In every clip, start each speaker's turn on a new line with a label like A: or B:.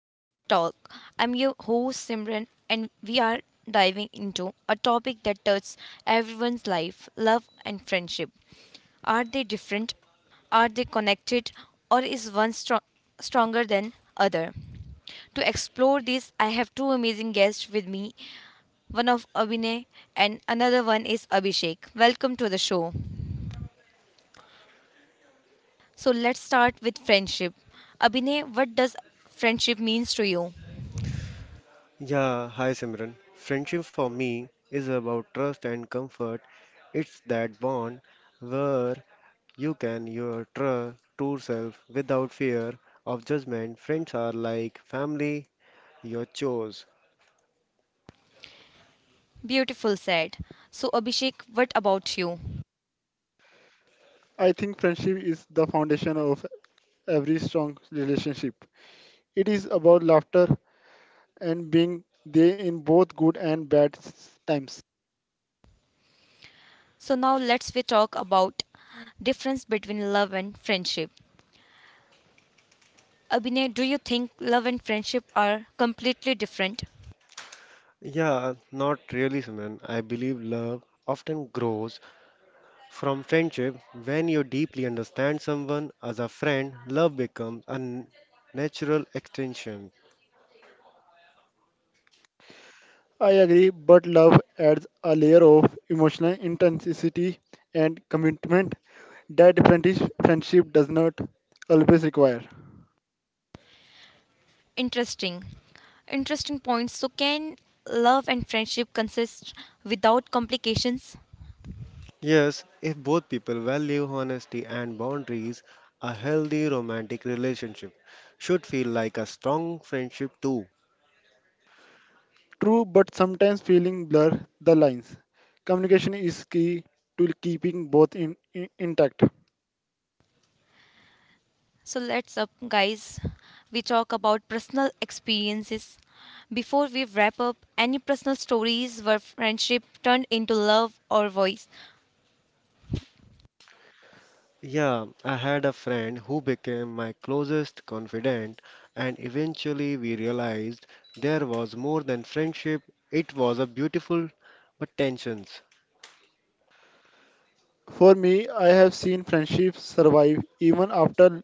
A: of Her Talk. I'm your host Simran, and we are diving into a topic that touches everyone's life, love and friendship. Are they different? Are they connected? Or is one stronger than other? To explore this, I have two amazing guests with me, one of Abhinay, and another one is Abhishek. Welcome to the show. So let's start with friendship. Abhinay, what does friendship means to you?
B: Yeah, hi Simran. Friendship for me is about trust and comfort. It's that bond where you can your true self without fear of judgment. Friends are like family, your chose.
A: Beautiful said. So Abhishek, what about you?
C: I think friendship is the foundation of every strong relationship. It is about laughter and being there in both good and times.
A: So now let's we talk about difference between love and friendship. Abhinay, do you think love and friendship are completely different?
B: Yeah, not really Simran. I believe love often grows from friendship. When you deeply understand someone as a friend, love becomes a natural extension.
C: I agree, but love adds a layer of emotional intensity and commitment that friendship does not always require.
A: Interesting. Interesting points. So can love and friendship consist without complications?
B: Yes, if both people value honesty and boundaries, a healthy romantic relationship should feel like a strong friendship too.
C: True, but sometimes feeling blur the lines. Communication is key to keeping both intact.
A: So let's up, guys. We talk about personal experiences. Before we wrap up, any personal stories where friendship turned into love or voice.
B: Yeah, I had a friend who became my closest confidant, and eventually we realized there was more than friendship, it was a beautiful but tensions.
C: For me, I have seen friendships survive even after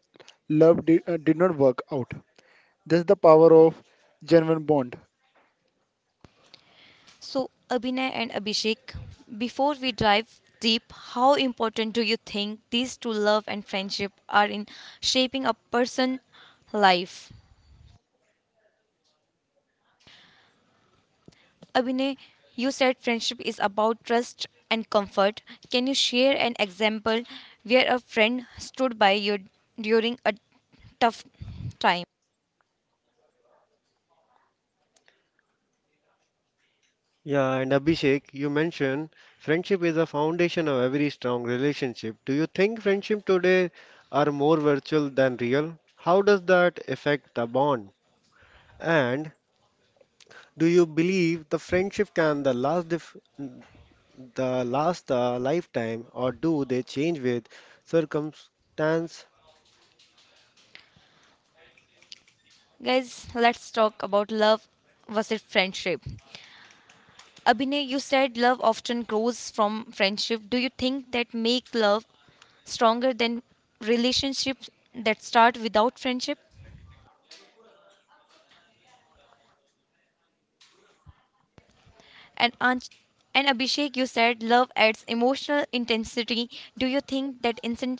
C: love did not work out. That's the power of genuine bond.
A: So Abhinay and Abhishek, before we dive deep, how important do you think these two love and friendship are in shaping a person's life? Abhinay, you said friendship is about trust and comfort. Can you share an example where a friend stood by you during a tough time?
B: Yeah, and Abhishek, you mentioned friendship is the foundation of every strong relationship. Do you think friendship today are more virtual than real? How does that affect the bond? And do you believe the friendship can the last a lifetime or do they change with circumstance?
A: Guys, let's talk about love versus friendship. Abhinay, you said love often grows from friendship. Do you think that make love stronger than relationships that start without friendship? And Anj- and Abhishek, you said love adds emotional intensity. Do you think that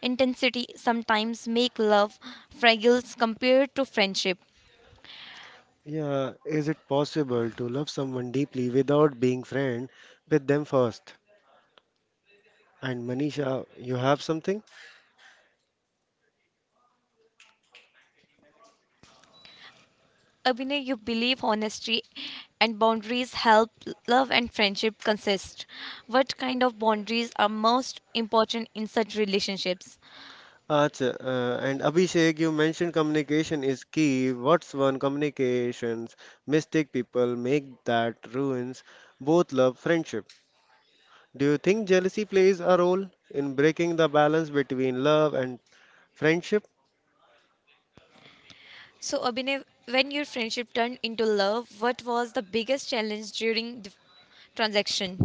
A: intensity sometimes make love fragile compared to friendship.
B: Yeah, is it possible to love someone deeply without being friend with them first? And Manisha, you have something?
A: Abhinay, you believe honesty and boundaries help love and friendship consist. What kind of boundaries are most important in such relationships?
B: Acha, and Abhishek, you mentioned communication is key. What's one communications mistake people make that ruins both love friendship? Do you think jealousy plays a role in breaking the balance between love and friendship?
A: So, Abhinay, when your friendship turned into love, what was the biggest challenge during the transaction?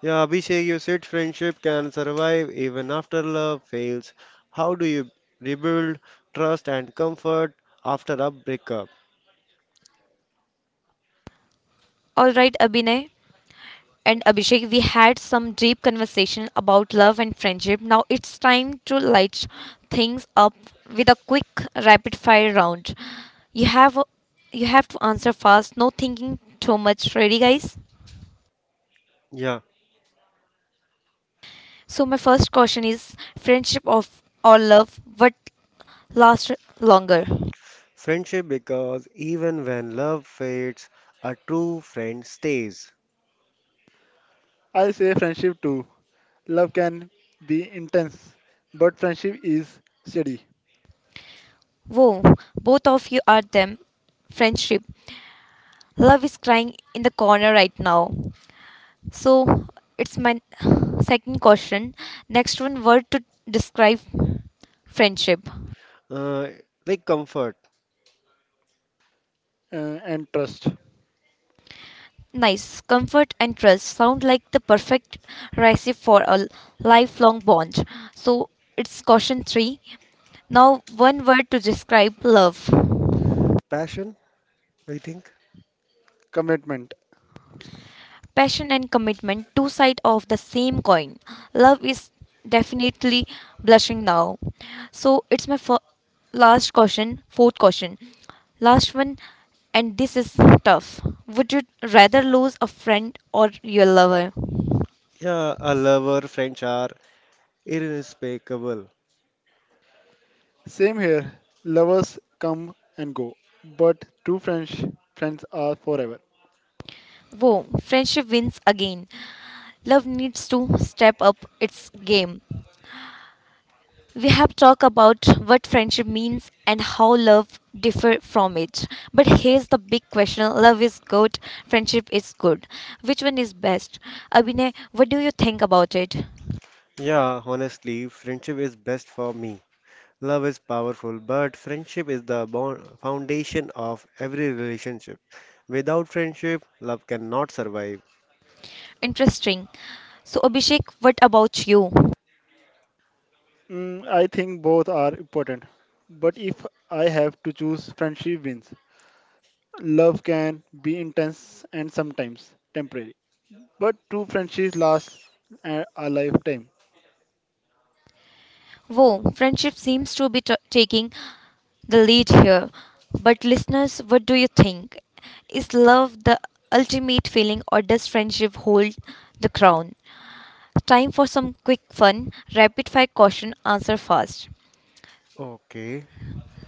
B: Yeah, Abhishek, you said friendship can survive even after love fails. How do you rebuild trust and comfort after a breakup?
A: All right, Abhinay, and Abhishek, we had some deep conversation about love and friendship. Now it's time to light things up with a quick rapid fire round. You have you have to answer fast, no thinking too much. Ready guys?
B: Yeah.
A: So my first question is friendship of or love, what lasts longer?
B: Friendship because even when love fades, a true friend stays.
C: I say friendship too. Love can be intense, but friendship is steady
A: Whoa, both of you are them. Friendship. Love is crying in the corner right now. So it's my second question. Next one word to describe friendship.
B: Uh, like comfort,
C: and trust,
A: Nice. Comfort and trust sound like the perfect recipe for a lifelong bond. So it's question three. Now one word to describe love.
B: passion, I think.
C: commitment.
A: Passion and commitment, two sides of the same coin. Love is definitely blushing now. So it's my last question, fourth question. Last one, and this is tough. Would you rather lose a friend or your lover?
B: Yeah, a lover, friends are irrespecable.
C: Same here. Lovers come and go, but true French friends are forever.
A: Whoa, friendship wins again. Love needs to step up its game. We have talked about what friendship means and how love differ from it. But here's the big question. Love is good, friendship is good. Which one is best? Abhinay, what do you think about it?
B: Yeah, honestly, friendship is best for me. Love is powerful, but friendship is the bond foundation of every relationship. Without friendship, love cannot survive.
A: Interesting. So Abhishek, what about you?
C: I think both are important, but if I have to choose, friendship wins. Love can be intense and sometimes temporary, but true friendships last a lifetime.
A: Whoa, friendship seems to be taking the lead here. But listeners, what do you think? Is love the ultimate feeling or does friendship hold the crown? Time for some quick fun, rapid fire question, answer fast.
B: Okay.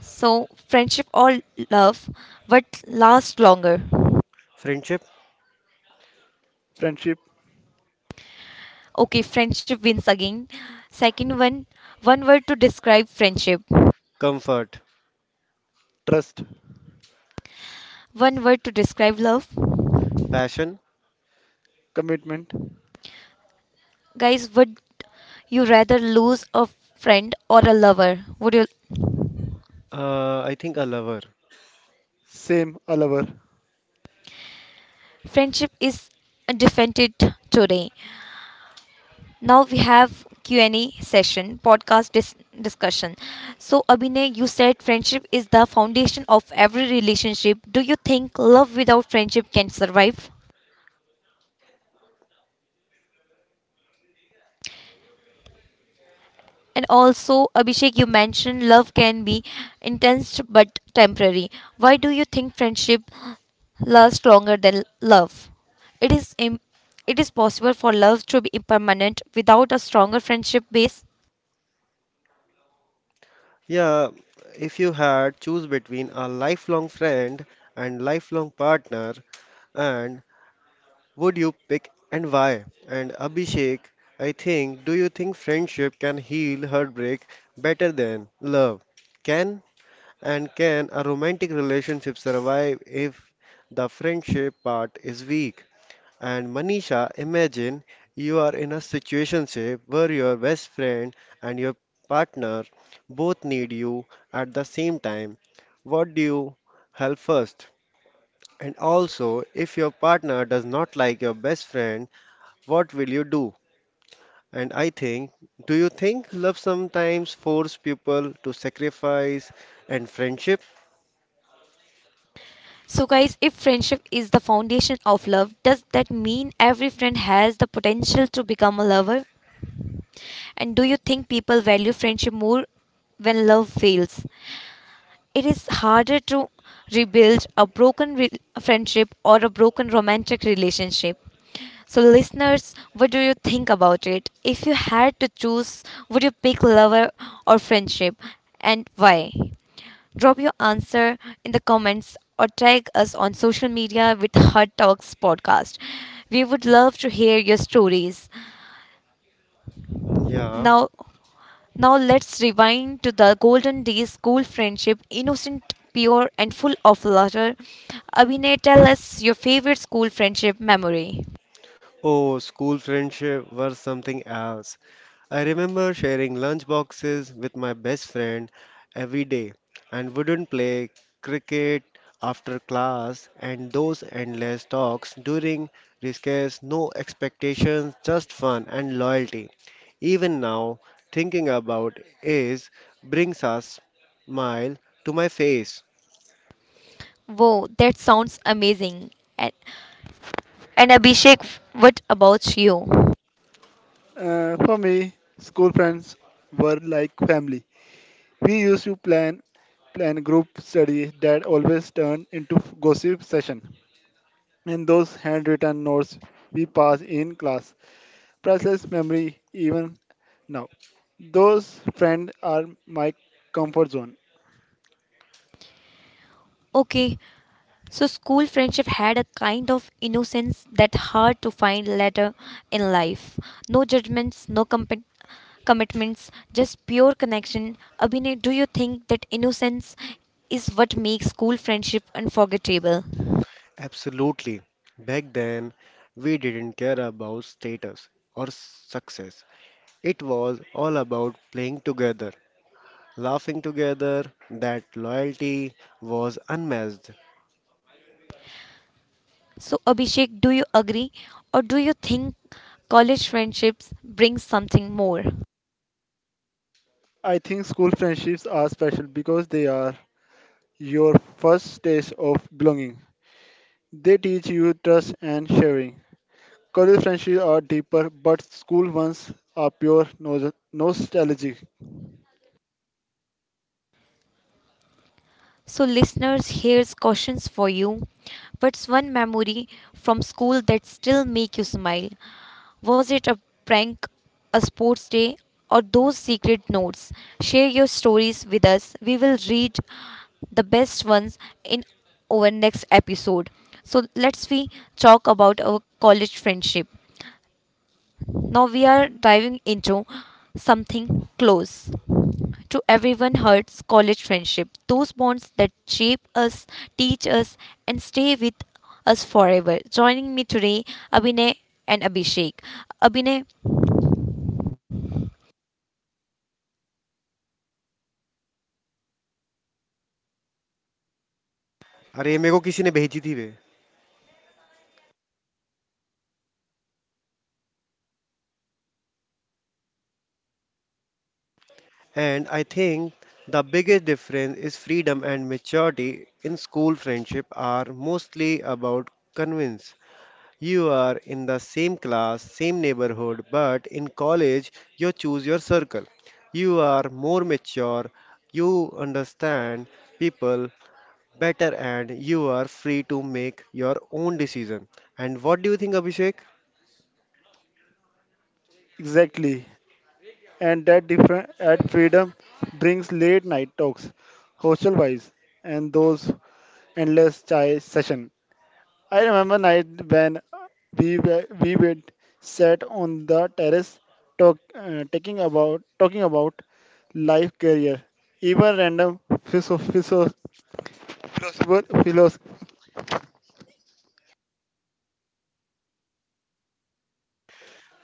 A: So, friendship or love, what lasts longer?
B: Friendship,
C: Friendship,
A: Okay, friendship wins again. Second one, one word to describe friendship,
B: comfort,
C: trust,
A: one word to describe love.
B: passion,
C: commitment,
A: Guys, would you rather lose a friend or a lover? Would you?
B: I think a lover.
C: same a lover.
A: Friendship is defended today. Now we have Q&A session, podcast discussion. So Abhinay, you said friendship is the foundation of every relationship. Do you think love without friendship can survive? And also Abhishek, you mentioned love can be intense but temporary. Why do you think friendship lasts longer than love? It is Im- it is possible for love to be impermanent without a stronger friendship base.
B: Yeah, if you had choose between a lifelong friend and lifelong partner, and would you pick and why? And Abhishek, I think, do you think friendship can heal heartbreak better than love? Can and can a romantic relationship survive if the friendship part is weak? And Manisha, imagine you are in a situationship where your best friend and your partner both need you at the same time. What do you help first? And also, if your partner does not like your best friend, what will you do? And I think, do you think love sometimes force people to sacrifice and friendship?
A: So, guys, if friendship is the foundation of love, does that mean every friend has the potential to become a lover? And do you think people value friendship more when love fails? It is harder to rebuild a broken friendship or a broken romantic relationship. So, listeners, what do you think about it? If you had to choose, would you pick lover or friendship, and why? Drop your answer in the comments or tag us on social media with Hot Talks Podcast. We would love to hear your stories.
B: Yeah.
A: Now, now, let's rewind to the golden days, school friendship, innocent, pure, and full of laughter. Abhinay, tell us your favorite school friendship memory.
B: Oh, school friendship was something else. I remember sharing lunch boxes with my best friend every day and wouldn't play cricket after class and those endless talks during recess, no expectations, just fun and loyalty. Even now, thinking about is brings a smile to my face.
A: Whoa, that sounds amazing. And, and Abhishek, what about you?
C: For me, school friends were like family. We used to plan group study that always turned into gossip session. And those handwritten notes we pass in class, priceless memory even now. Those friends are my comfort zone.
A: Okay, so school friendship had a kind of innocence that hard to find later in life. No judgments, no commitments, just pure connection. Abhinay, do you think that innocence is what makes school friendship unforgettable?
B: Absolutely. Back then, we didn't care about status or success. It was all about playing together laughing together. That loyalty was unmatched.
A: So, Abhishek, do you agree or do you think college friendships bring something more?
C: I think school friendships are special because they are your first taste of belonging. They teach you trust and sharing. College friendships are deeper, but school ones are pure nostalgic.
A: So, listeners, here's questions for you. What's one memory from school that still make you smile? Was it a prank, a sports day, or those secret notes? Share your stories with us. We will read the best ones in our next episode. So let's we talk about our college friendship. Now we are diving into something close to Everyone Hurts College Friendship, those bonds that shape us, teach us, and stay with us forever. Joining me today, Abhinay and Abhishek. Abhinay,
B: अरे मेरे को किसी ने भेजी थी वे. And I think the biggest difference is freedom and maturity in school friendship are mostly about convince. You are in the same class, same neighborhood, but in college you choose your circle. You are more mature, you understand people better and you are free to make your own decision. And what do you think Abhishek?
C: Exactly. And that different at freedom brings late night talks, hostel vibes, and those endless chai session. I remember night when we would sat on the terrace talking about life, career, even random phiso- phiso- philosophical.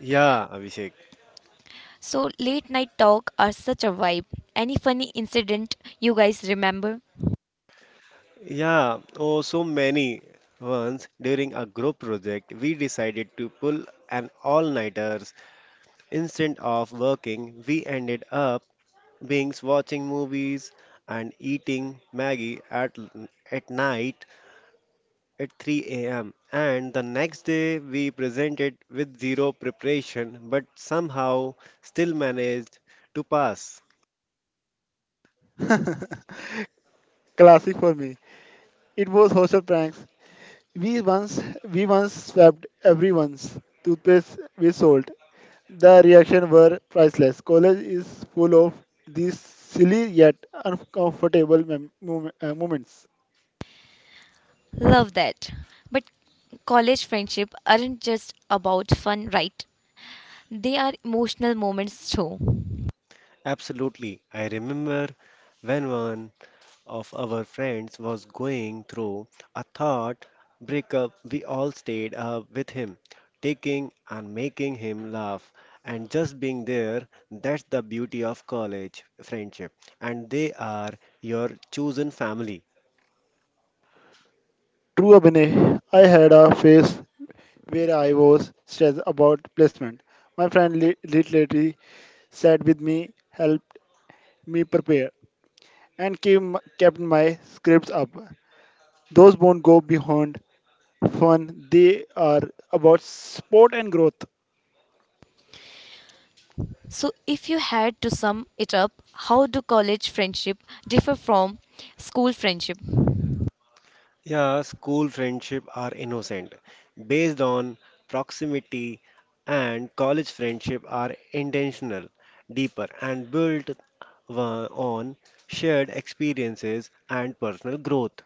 B: Yeah, Abhishek.
A: so late night talk are such a vibe. Any funny incident you guys remember?
B: Yeah, oh, so many. Once during a group project, we decided to pull an all-nighters. Instead of working, we ended up being watching movies and eating Maggie at night at 3 a.m. And the next day, we presented with zero preparation, but somehow still managed to pass.
C: Classic for me. It was hostel pranks. We once we once swapped everyone's toothpaste with salt. The reaction were priceless. College is full of these silly yet uncomfortable moments.
A: Love that. But college friendship aren't just about fun, right? They are emotional moments too.
B: Absolutely, I remember when one of our friends was going through a thought breakup, we all stayed up with him, taking and making him laugh and just being there. That's the beauty of college friendship. And they are your chosen family.
C: True, Abhinay. I had a phase where I was stressed about placement. My friend literally sat with me, helped me prepare, and came, kept my scripts up. Those won't go beyond fun. They are about sport and growth,
A: So, if you had to sum it up, how do college friendship differ from school friendship?
B: Yeah, school friendship are innocent, based on proximity, and college friendship are intentional, deeper, and built on shared experiences and personal growth.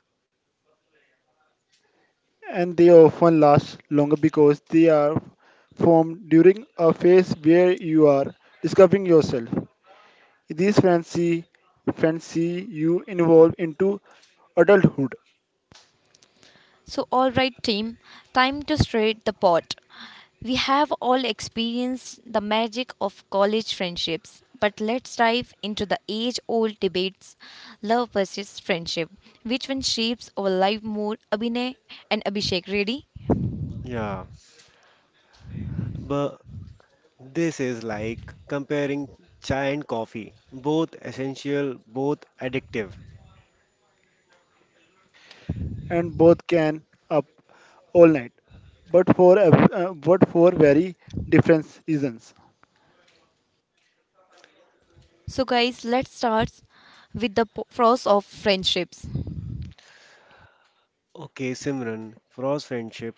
C: and they often last longer because they are formed during a phase where you are discovering yourself. These friends see, friends see you evolve into adulthood
A: So, all right, team, time to stir the pot. We have all experienced the magic of college friendships, but let's dive into the age old debates love versus friendship. Which one shapes our life more? Abhinay and Abhishek, ready?
B: Yeah, but this is like comparing chai and coffee, both essential, both addictive.
C: and both can up all night, but but for very different reasons.
A: So, guys, let's start with the pros of friendships.
B: Okay, Simran. For us, friendship,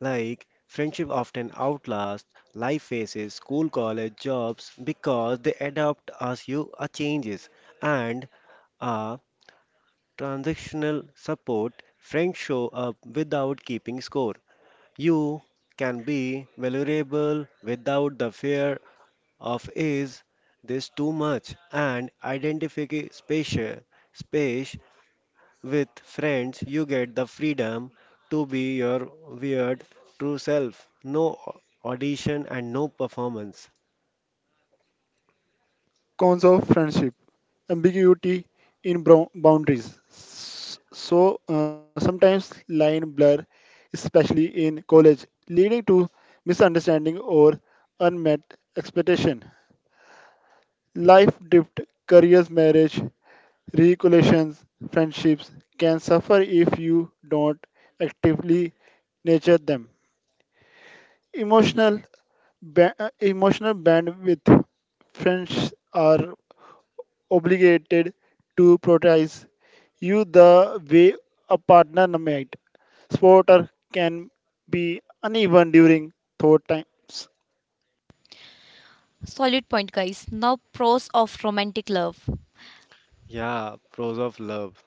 B: like friendship often outlasts life phases, school, college, jobs because they adapt as you are changes and are transactional support. Friends show up without keeping score. You can be vulnerable without the fear of is this too much and identify space, space with friends you get the freedom to be your weird true self, no audition and no performance.
C: Cons of friendship: ambiguity in boundaries. So Sometimes line blur, especially in college, leading to misunderstanding or unmet expectation. Life drift, careers, marriage, recollections, friendships can suffer if you don't actively nurture them. Emotional, Emotional bandwidth. Friends are obligated to prioritize you the way a partner might. Supporter can be uneven during thought times.
A: Solid point, guys. Now, pros of romantic love.
B: Yeah, pros of love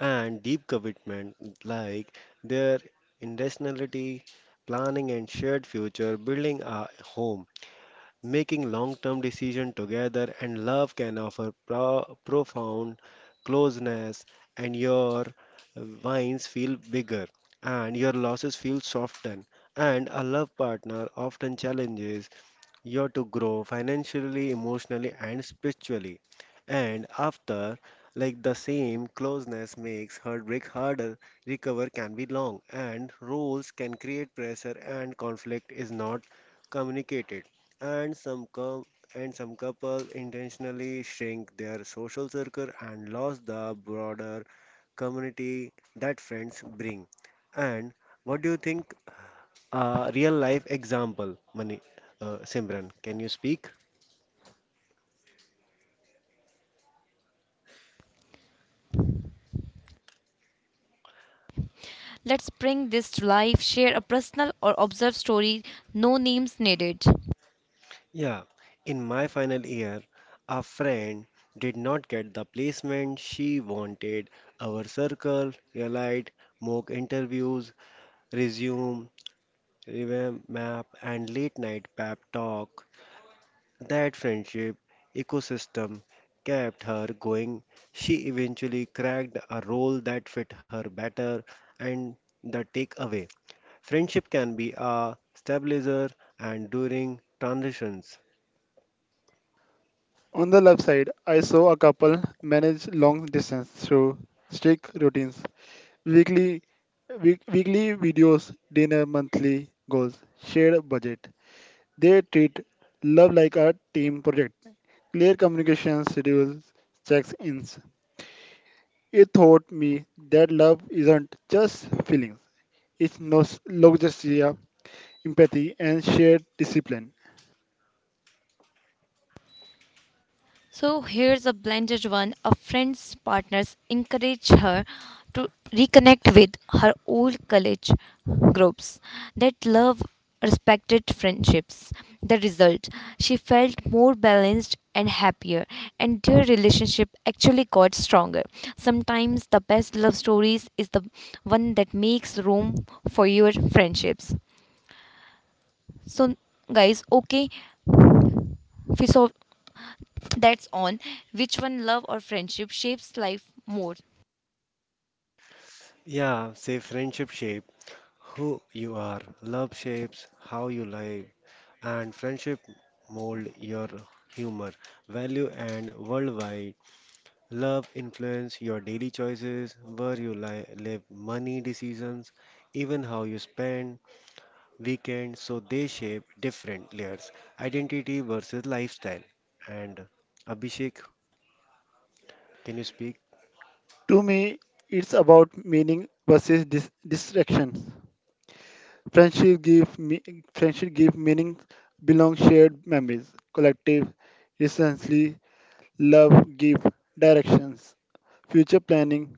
B: and deep commitment, like their intentionality, planning and shared future, building a home, making long term decisions together, and love can offer profound closeness, and your wins feel bigger, and your losses feel softened. And a love partner often challenges you're to grow financially, emotionally, and spiritually. And after, like the same closeness makes heartbreak harder, recover can be long, and roles can create pressure, and conflict is not communicated. And some com- and some couple intentionally shrink their social circle and lose the broader community that friends bring. And what do you think? A real life example, Mani, Simran. Can you speak?
A: Let's bring this to life. Share a personal or observed story, no names needed.
B: Yeah. In my final year, a friend did not get the placement she wanted. Our circle, realized, mock interviews, resume, revamp map, and late night pep talk. That friendship ecosystem kept her going. She eventually cracked a role that fit her better, and the takeaway. Friendship can be a stabilizer and during transitions.
C: On the left side, I saw a couple manage long distance through strict routines, weekly, weekly videos, dinner, monthly goals, shared budget. They treat love like a team project. Clear communication schedules, checks ins. It taught me that love isn't just feelings, it's nostalgia, empathy, and shared discipline.
A: So here's a blended one. A friend's partners encourage her to reconnect with her old college groups that love respected friendships. The result, she felt more balanced and happier, and their relationship actually got stronger. Sometimes the best love stories is the one that makes room for your friendships. So guys, okay, philosoph- that's on which one love or friendship shapes life more.
B: Yeah, say friendship shape who you are, love shapes how you live, and friendship mold your humor, value and worldwide. Love influence your daily choices, where you live, money decisions, even how you spend weekends, so they shape different layers, identity versus lifestyle. And Abhishek, can you speak?
C: To me, it's about meaning versus distractions. Friendship give me Friendship give meaning belong shared memories, collective, recently love give directions, future planning,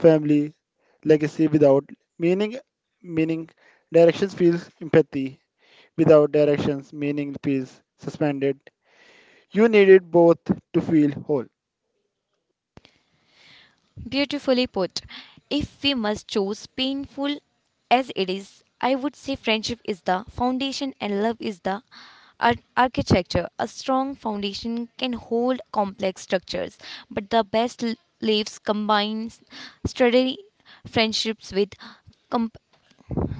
C: family, legacy without meaning, meaning directions feels empathy. Without directions, meaning feels suspended. You needed both to feel whole.
A: Beautifully put. If we must choose, painful as it is, I would say friendship is the foundation and love is the architecture. A strong foundation can hold complex structures, but the best lives combines sturdy friendships with comp-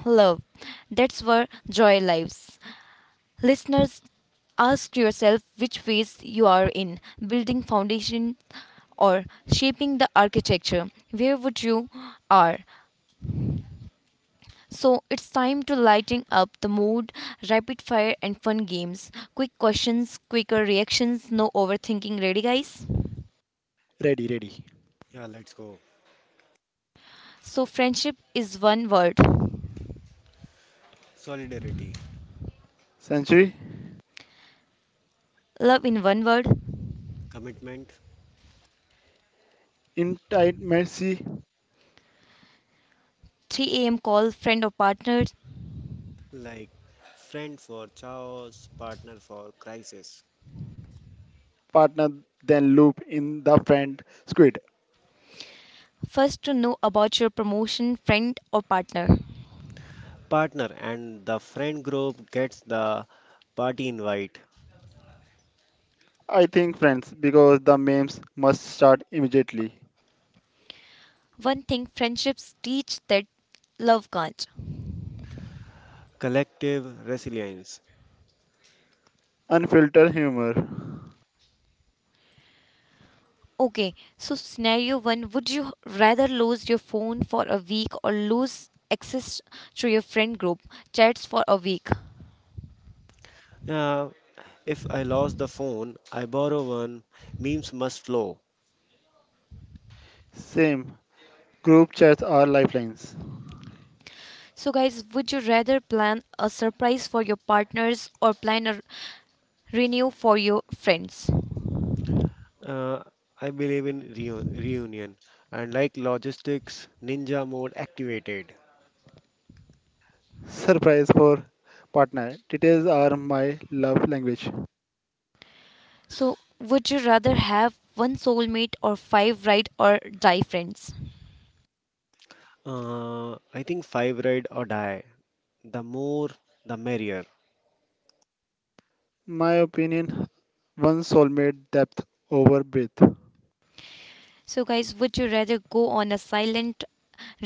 A: love. That's where joy lives. Listeners, ask yourself which phase you are in, building foundation or shaping the architecture. Where would you are? So it's time to lighting up the mood, rapid fire and fun games. Quick questions, quicker reactions, no overthinking. Ready guys?
C: Ready.
B: Yeah, let's go.
A: So friendship is one word.
B: Solidarity,
C: Century,
A: Love in one word.
B: commitment,
C: intimacy,
A: 3 a.m. call friend or partner.
B: like friend for chaos, partner for crisis.
C: partner, then loop in the friend squid.
A: First to know about your promotion friend or partner.
B: Partner and the friend group gets the party invite.
C: I think friends because the memes must start immediately.
A: One thing friendships teach that love can't.
B: Collective resilience.
C: Unfiltered humor.
A: Okay, so scenario one, would you rather lose your phone for a week or lose access to your friend group chats for a week?
B: Yeah, if I lost the phone, I borrow one. Memes must flow.
C: Same. Group chats are lifelines.
A: So, guys, would you rather plan a surprise for your partners or plan a renew for your friends?
B: Uh, I believe in reunion and like logistics, ninja mode activated.
C: Surprise for partner. Details are my love language.
A: So, would you rather have one soulmate or five ride or die friends?
B: I think five ride or die. The more, the merrier.
C: My opinion, one soulmate depth over breadth.
A: So, guys, would you rather go on a silent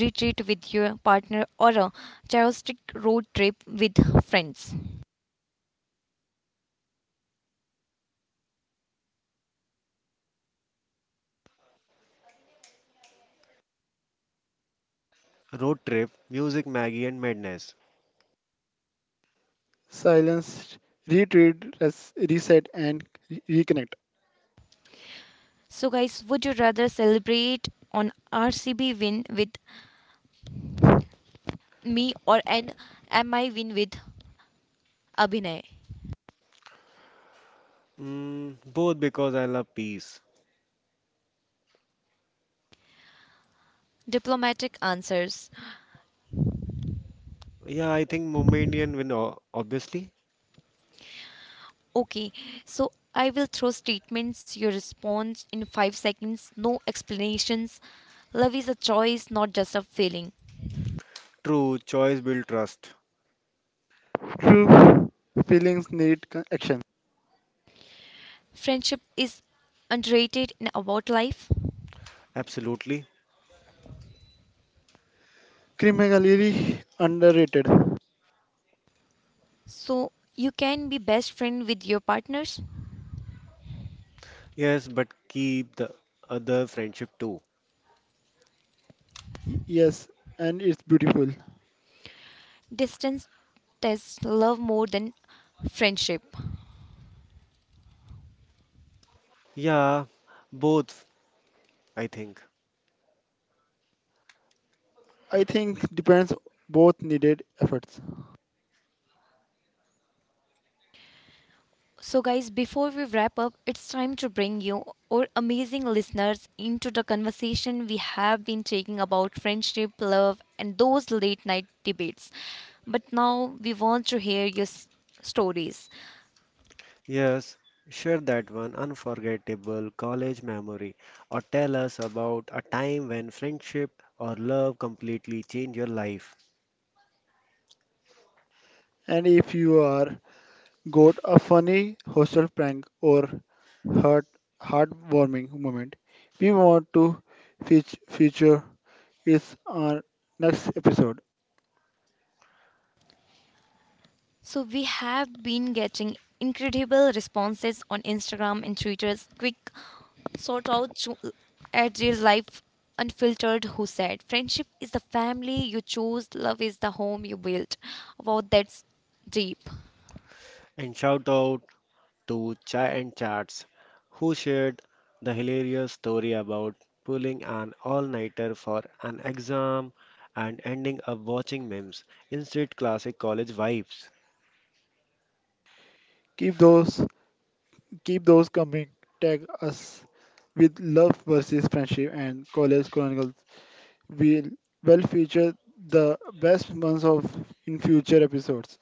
A: retreat with your partner or a chartistic road trip with friends?
B: Road trip, music, Maggie, and madness.
C: Silence, retreat, reset, and reconnect.
A: So guys, would you rather celebrate on RCB win with me or an MI win with Abhinay?
B: Mm, both because I love peace.
A: Diplomatic answers.
B: Yeah, I think Mumbai Indian win, obviously.
A: Okay, so I will throw statements, your response in 5 seconds, no explanations. Love is a choice, not just a feeling.
B: True, choice build trust.
C: True feelings need action.
A: Friendship is underrated in about life.
B: Absolutely.
C: Criminally underrated.
A: So you can be best friend with your partners.
B: Yes, but keep the other friendship too.
C: Yes, and it's beautiful.
A: Distance tests love more than friendship.
B: Yeah, both, I think.
C: I think depends both needed efforts.
A: So, guys, before we wrap up, it's time to bring you, our amazing listeners, into the conversation we have been taking about friendship, love, and those late night debates. But now we want to hear your stories.
B: Yes, share that one unforgettable college memory or tell us about a time when friendship or love completely changed your life.
C: And if you are Good, a funny hostel prank or heart heartwarming moment we want to feature is our next episode.
A: So, we have been getting incredible responses on Instagram and Twitter's quick sort out at real life unfiltered. Who said friendship is the family you chose, love is the home you built. Wow, that's deep.
B: And shout out to Chai and Chats, who shared the hilarious story about pulling an all nighter for an exam and ending up watching memes instead classic college vibes.
C: Keep those Keep those coming. Tag us with love versus friendship and college chronicles. We'll Well feature the best months of in future episodes.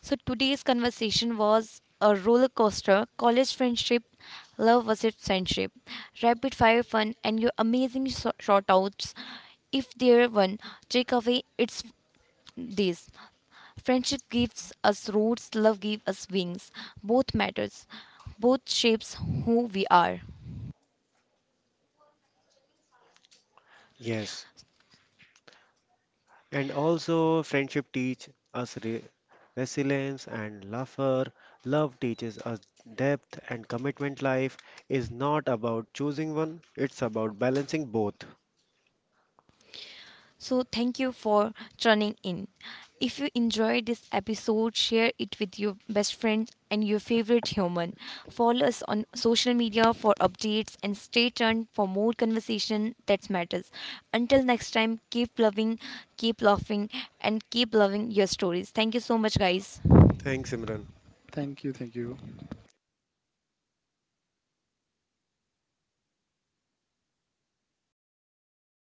A: So today's conversation was a roller coaster: college friendship, love versus friendship, rapid fire fun, and your amazing shout outs. If there one takeaway, it's this: friendship gives us roots, love gives us wings. Both matters, both shapes who we are.
B: Yes, and also friendship teach us resilience and laughter. Love teaches us depth and commitment. Life is not about choosing one; it's about balancing both.
A: So, thank you for tuning in. If you enjoyed this episode, share it with your best friend and your favorite human. Follow us on social media for updates and stay tuned for more conversation that matters. Until next time, keep loving, keep laughing, and keep loving your stories. Thank you so much, guys.
B: Thanks, Imran.
C: Thank you.